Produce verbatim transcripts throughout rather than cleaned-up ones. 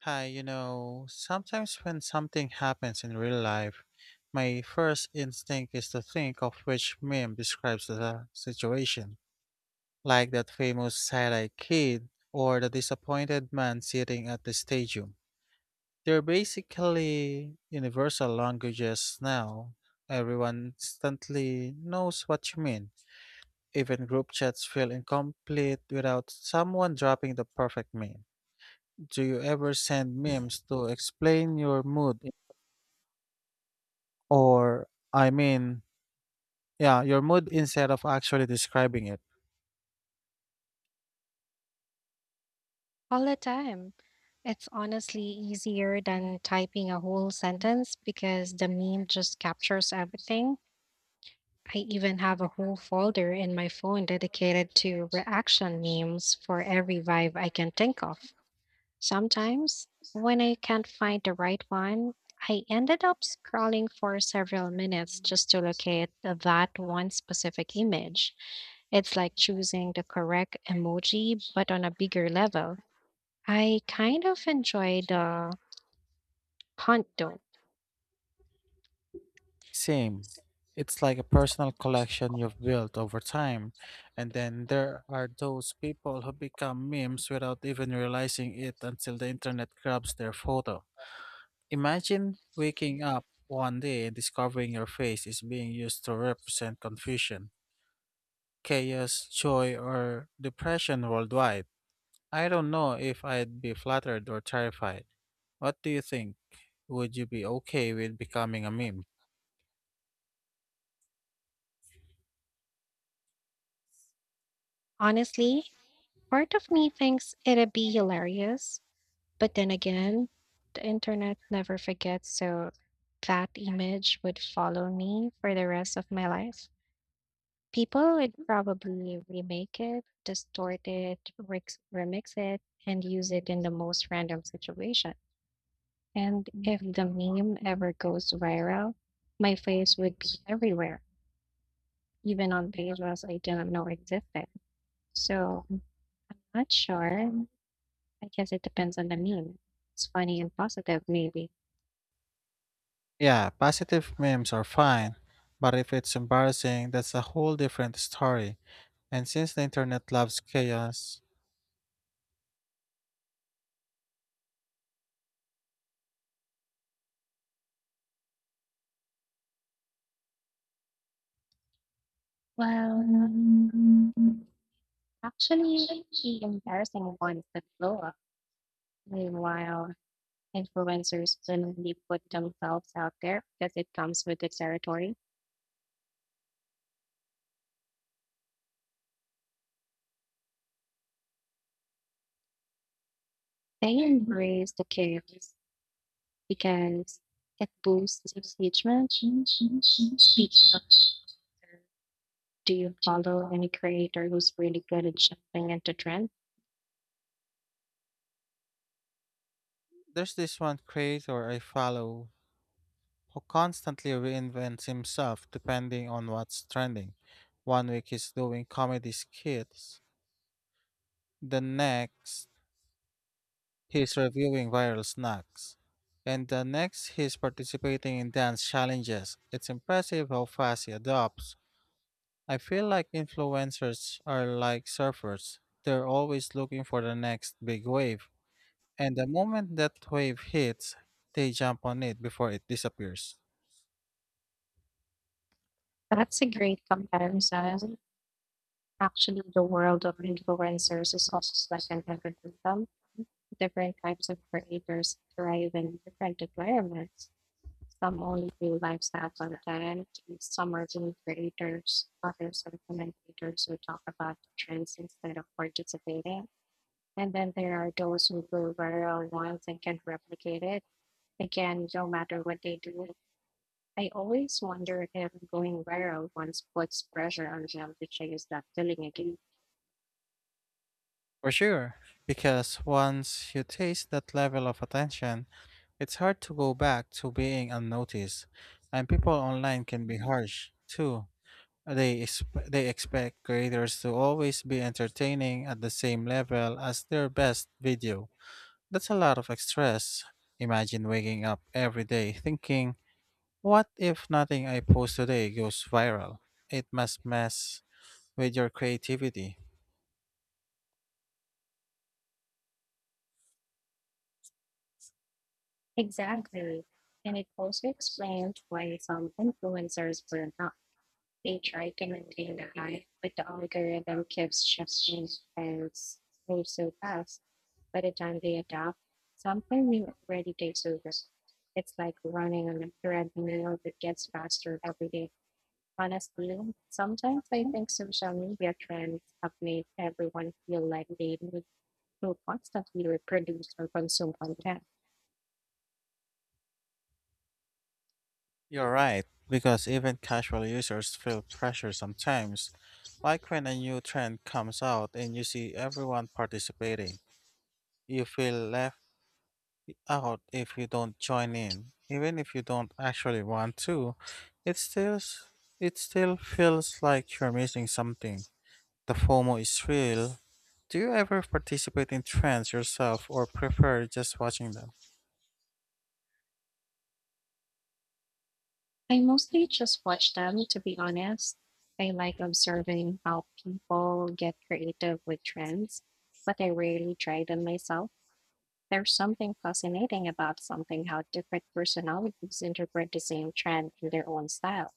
Hi, you know, sometimes when something happens in real life, my first instinct is to think of which meme describes the situation, like that famous side-eye kid or the disappointed man sitting at the stadium. They're basically universal languages now. Everyone instantly knows what you mean. Even group chats feel incomplete without someone dropping the perfect meme. Do you ever send memes to explain your mood or, I mean, yeah, your mood instead of actually describing it? All the time. It's honestly easier than typing a whole sentence because the meme just captures everything. I even have a whole folder in my phone dedicated to reaction memes for every vibe I can think of. Sometimes, when I can't find the right one, I ended up scrolling for several minutes just to locate that one specific image. It's like choosing the correct emoji, but on a bigger level. I kind of enjoy the hunt though. Same. It's like a personal collection you've built over time. And then there are those people who become memes without even realizing it until the internet grabs their photo. Imagine waking up one day and discovering your face is being used to represent confusion, chaos, joy, or depression worldwide. I don't know if I'd be flattered or terrified. What do you think? Would you be okay with becoming a meme? Honestly, part of me thinks it'd be hilarious, but then again, the internet never forgets, so that image would follow me for the rest of my life. People would probably remake it, distort it, rex- remix it, and use it in the most random situation. And if the meme ever goes viral, my face would be everywhere, even on pages I didn't know existed. So I'm not sure. I guess it depends on the meme. It's funny and positive, maybe. Yeah, positive memes are fine, but if it's embarrassing, that's a whole different story. And since the internet loves chaos, Well, actually, the embarrassing ones that blow up. Meanwhile, influencers willingly put themselves out there because it comes with the territory. They embrace the chaos because it boosts engagement. Speaking of, do you follow any creator who's really good at jumping into trends? there's this one creator I follow who constantly reinvents himself depending on what's trending. One week he's doing comedy skits, the next he's reviewing viral snacks. And the next, he's participating in dance challenges. It's impressive how fast he adopts. I feel like influencers are like surfers, they're always looking for the next big wave. And the moment that wave hits, they jump on it before it disappears. That's a great comparison. Actually, the world of influencers is also second ecosystem. Different types of creators thrive in different environments. Some only do lifestyle content, and some are really creators. Others are commentators who talk about trends instead of participating. And then there are those who go viral once and can replicate it again, no matter what they do. I always wonder if going viral once puts pressure on them to chase that feeling again. For sure, because once you taste that level of attention, it's hard to go back to being unnoticed. And people online can be harsh, too. They, exp- they expect creators to always be entertaining at the same level as their best video. That's a lot of stress. Imagine waking up every day thinking, what if nothing I post today goes viral? It must mess with your creativity. Exactly. And it also explains why some influencers burn out. They try to maintain the hype, but the algorithm keeps shifting and moves so fast. By the time they adapt, something new already takes over. It's like running on a treadmill that gets faster every day. Honestly, sometimes I think social media trends have made everyone feel like they need to constantly reproduce or consume content. You're right, because even casual users feel pressure sometimes. Like when a new trend comes out and you see everyone participating, you feel left out if you don't join in. Even if you don't actually want to, it still s- it still feels like you're missing something. The FOMO is real. Do you ever participate in trends yourself or prefer just watching them? I mostly just watch them, to be honest. I like observing how people get creative with trends, but I rarely try them myself. There's something fascinating about something how different personalities interpret the same trend in their own style.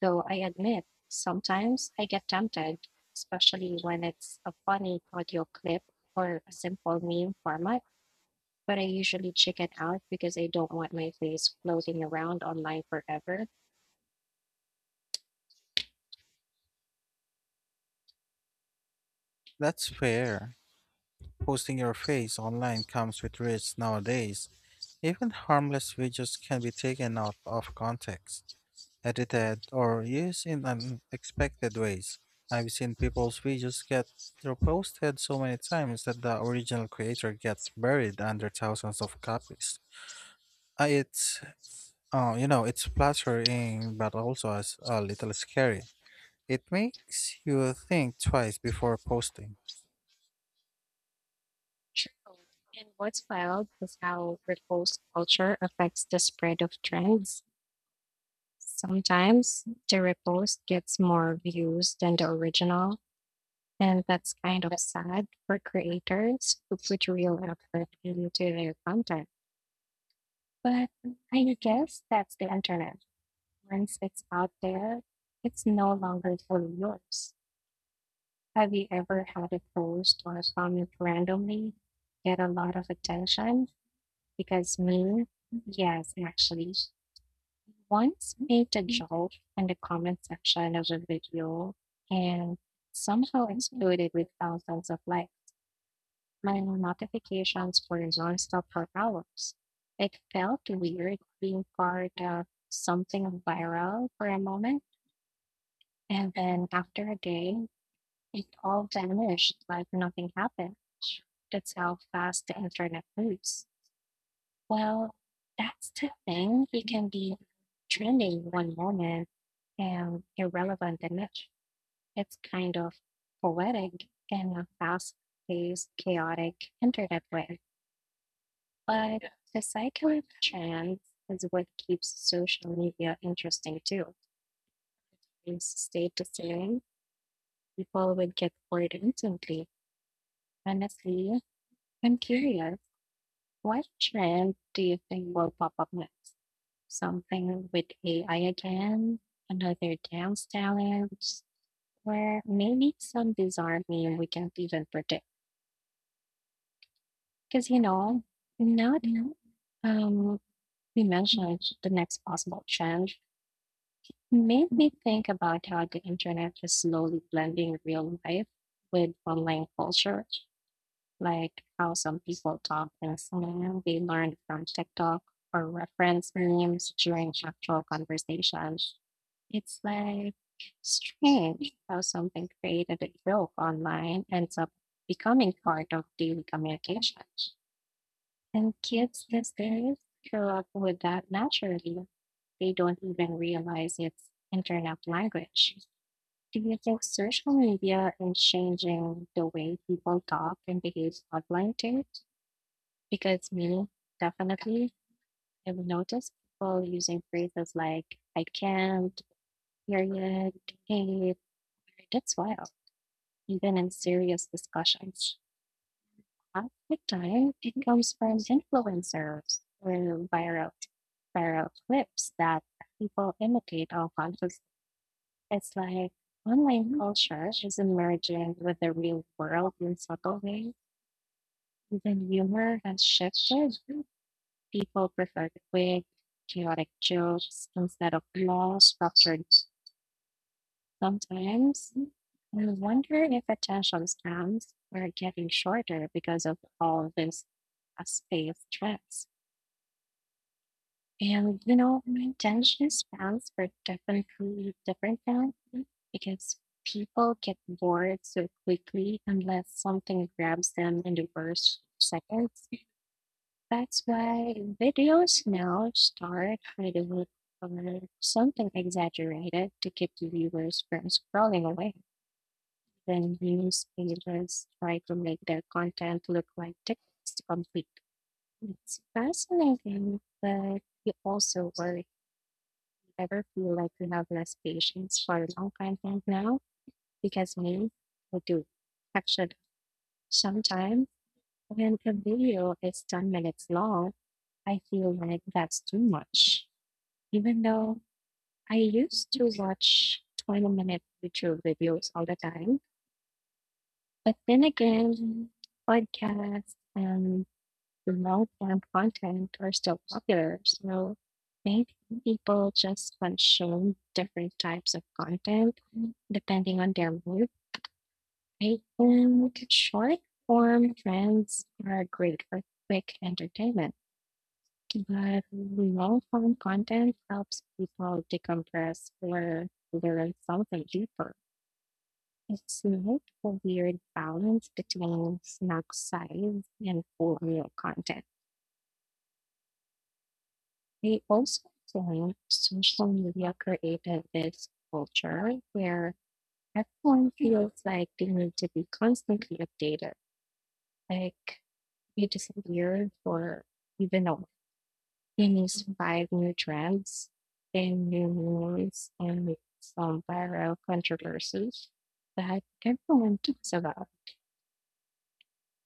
Though I admit, sometimes I get tempted, especially when it's a funny audio clip or a simple meme format, but I usually chicken out because I don't want my face floating around online forever. That's fair. Posting your face online comes with risks nowadays. Even harmless videos can be taken out of context, edited, or used in unexpected ways. I've seen people's videos get reposted so many times that the original creator gets buried under thousands of copies. Uh, It's, uh, you know, it's flattering, but also as a little scary. It makes you think twice before posting. True. And what's wild is how repost culture affects the spread of trends. Sometimes the repost gets more views than the original, and that's kind of sad for creators who put real effort into their content. But I guess that's the internet. Once it's out there, it's no longer fully yours. Have you ever had a post or a comment randomly get a lot of attention? Because me, yes, actually, once made a joke in the comment section of a video and somehow exploded with thousands of likes. My notifications for nonstop for hours. It felt weird being part of something viral for a moment, and then after a day, it all vanished like nothing happened. That's how fast the internet moves. Well, that's the thing. It can be trending one moment and irrelevant the next. It's kind of poetic in a fast paced, chaotic internet way. But the cycling trend is what keeps social media interesting too. Things stay the same. People would get bored instantly. Honestly, I'm curious, what trend do you think will pop up next? Something with A I again, another dance challenge, or maybe some bizarre meme we can't even predict. Because you know, now that um, we mentioned the next possible trend. It made me think about how the internet is slowly blending real life with online culture, like how some people talk and slang they learned from TikTok or reference memes during actual conversations. It's like strange how something created a joke online ends up becoming part of daily communication. And kids these days grow up with that naturally. They don't even realize it's internet language. Do you think social media is changing the way people talk and behave online too? Because me, definitely, I've noticed people using phrases like "I can't," "period," "hey," that's wild. Even in serious discussions, half the time it comes from influencers or viral viral clips that people imitate all conflicts. It's like online culture is emerging with the real world in subtle ways. Even humor has shifted. People prefer quick, chaotic jokes instead of long, structured. Sometimes I wonder if attention spans are getting shorter because of all this uh, space stress. And, you know, my Dungeness spans were definitely different than because people get bored so quickly unless something grabs them in the first seconds. That's why videos now start with a look or something exaggerated to keep the viewers from scrolling away. Then news agents try to make their content look like text to complete. It's fascinating, but you also worry ever feel like you have less patience for long content now? Because me, I do. Actually, sometimes when a video is 10 minutes long, I feel like that's too much. Even though I used to watch 20 minute YouTube videos all the time, but then again, podcasts and remote and content are still popular. So maybe people just consume different types of content depending on their mood. I think short form trends are great for quick entertainment, but long form content helps people decompress or learn something deeper. It's like a weird balance between snack size and full meal content. They also think social media created this culture where everyone feels like they need to be constantly updated. Like you disappear for even a you news five new trends, ten new memes, and some viral controversies that everyone talks about.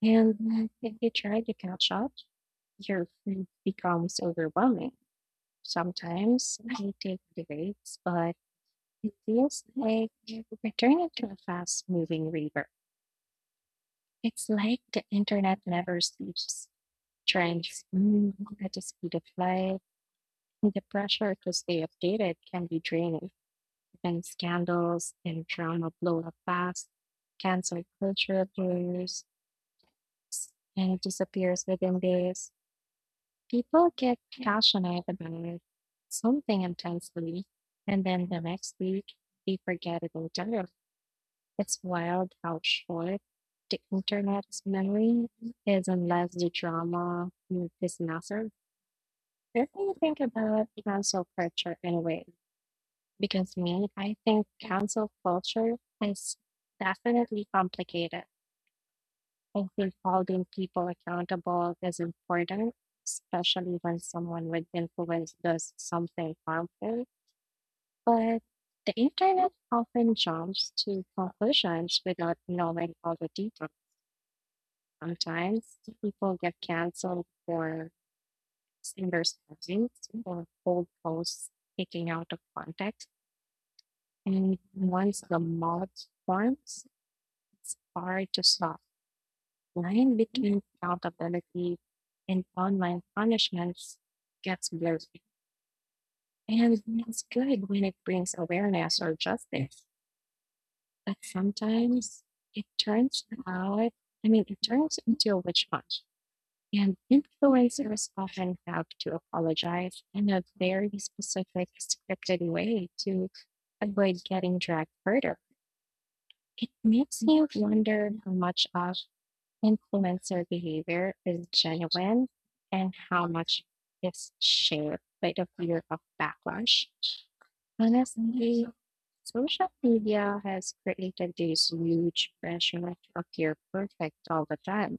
And if you try to catch up, your feed becomes overwhelming. Sometimes I take breaks, but It feels like returning to a fast moving river. It's like the internet never sleeps. Trends move at the speed of light, and the pressure to stay updated can be draining. And scandals and drama blow up fast, cancel culture blurs and disappears within days. People get passionate about something intensely, and then the next week they forget it entirely. It's wild how short the internet's memory is unless the drama is massive. If you think about cancel culture anyway, because me, I think cancel culture is definitely complicated. I think holding people accountable is important, especially when someone with influence does something harmful. But the internet often jumps to conclusions without knowing all the details. Sometimes people get canceled for misunderstandings or bold posts taken out of context. And once the mob forms, it's hard to stop. Line between accountability and online punishments gets blurry. And it's good when it brings awareness or justice. But sometimes it turns out, I mean, it turns into a witch hunt And influencers often have to apologize in a very specific, scripted way to avoid getting dragged further. It makes me wonder how much of influencer behavior is genuine and how much is shaped by the fear of backlash. Honestly, social media has created this huge pressure to appear perfect all the time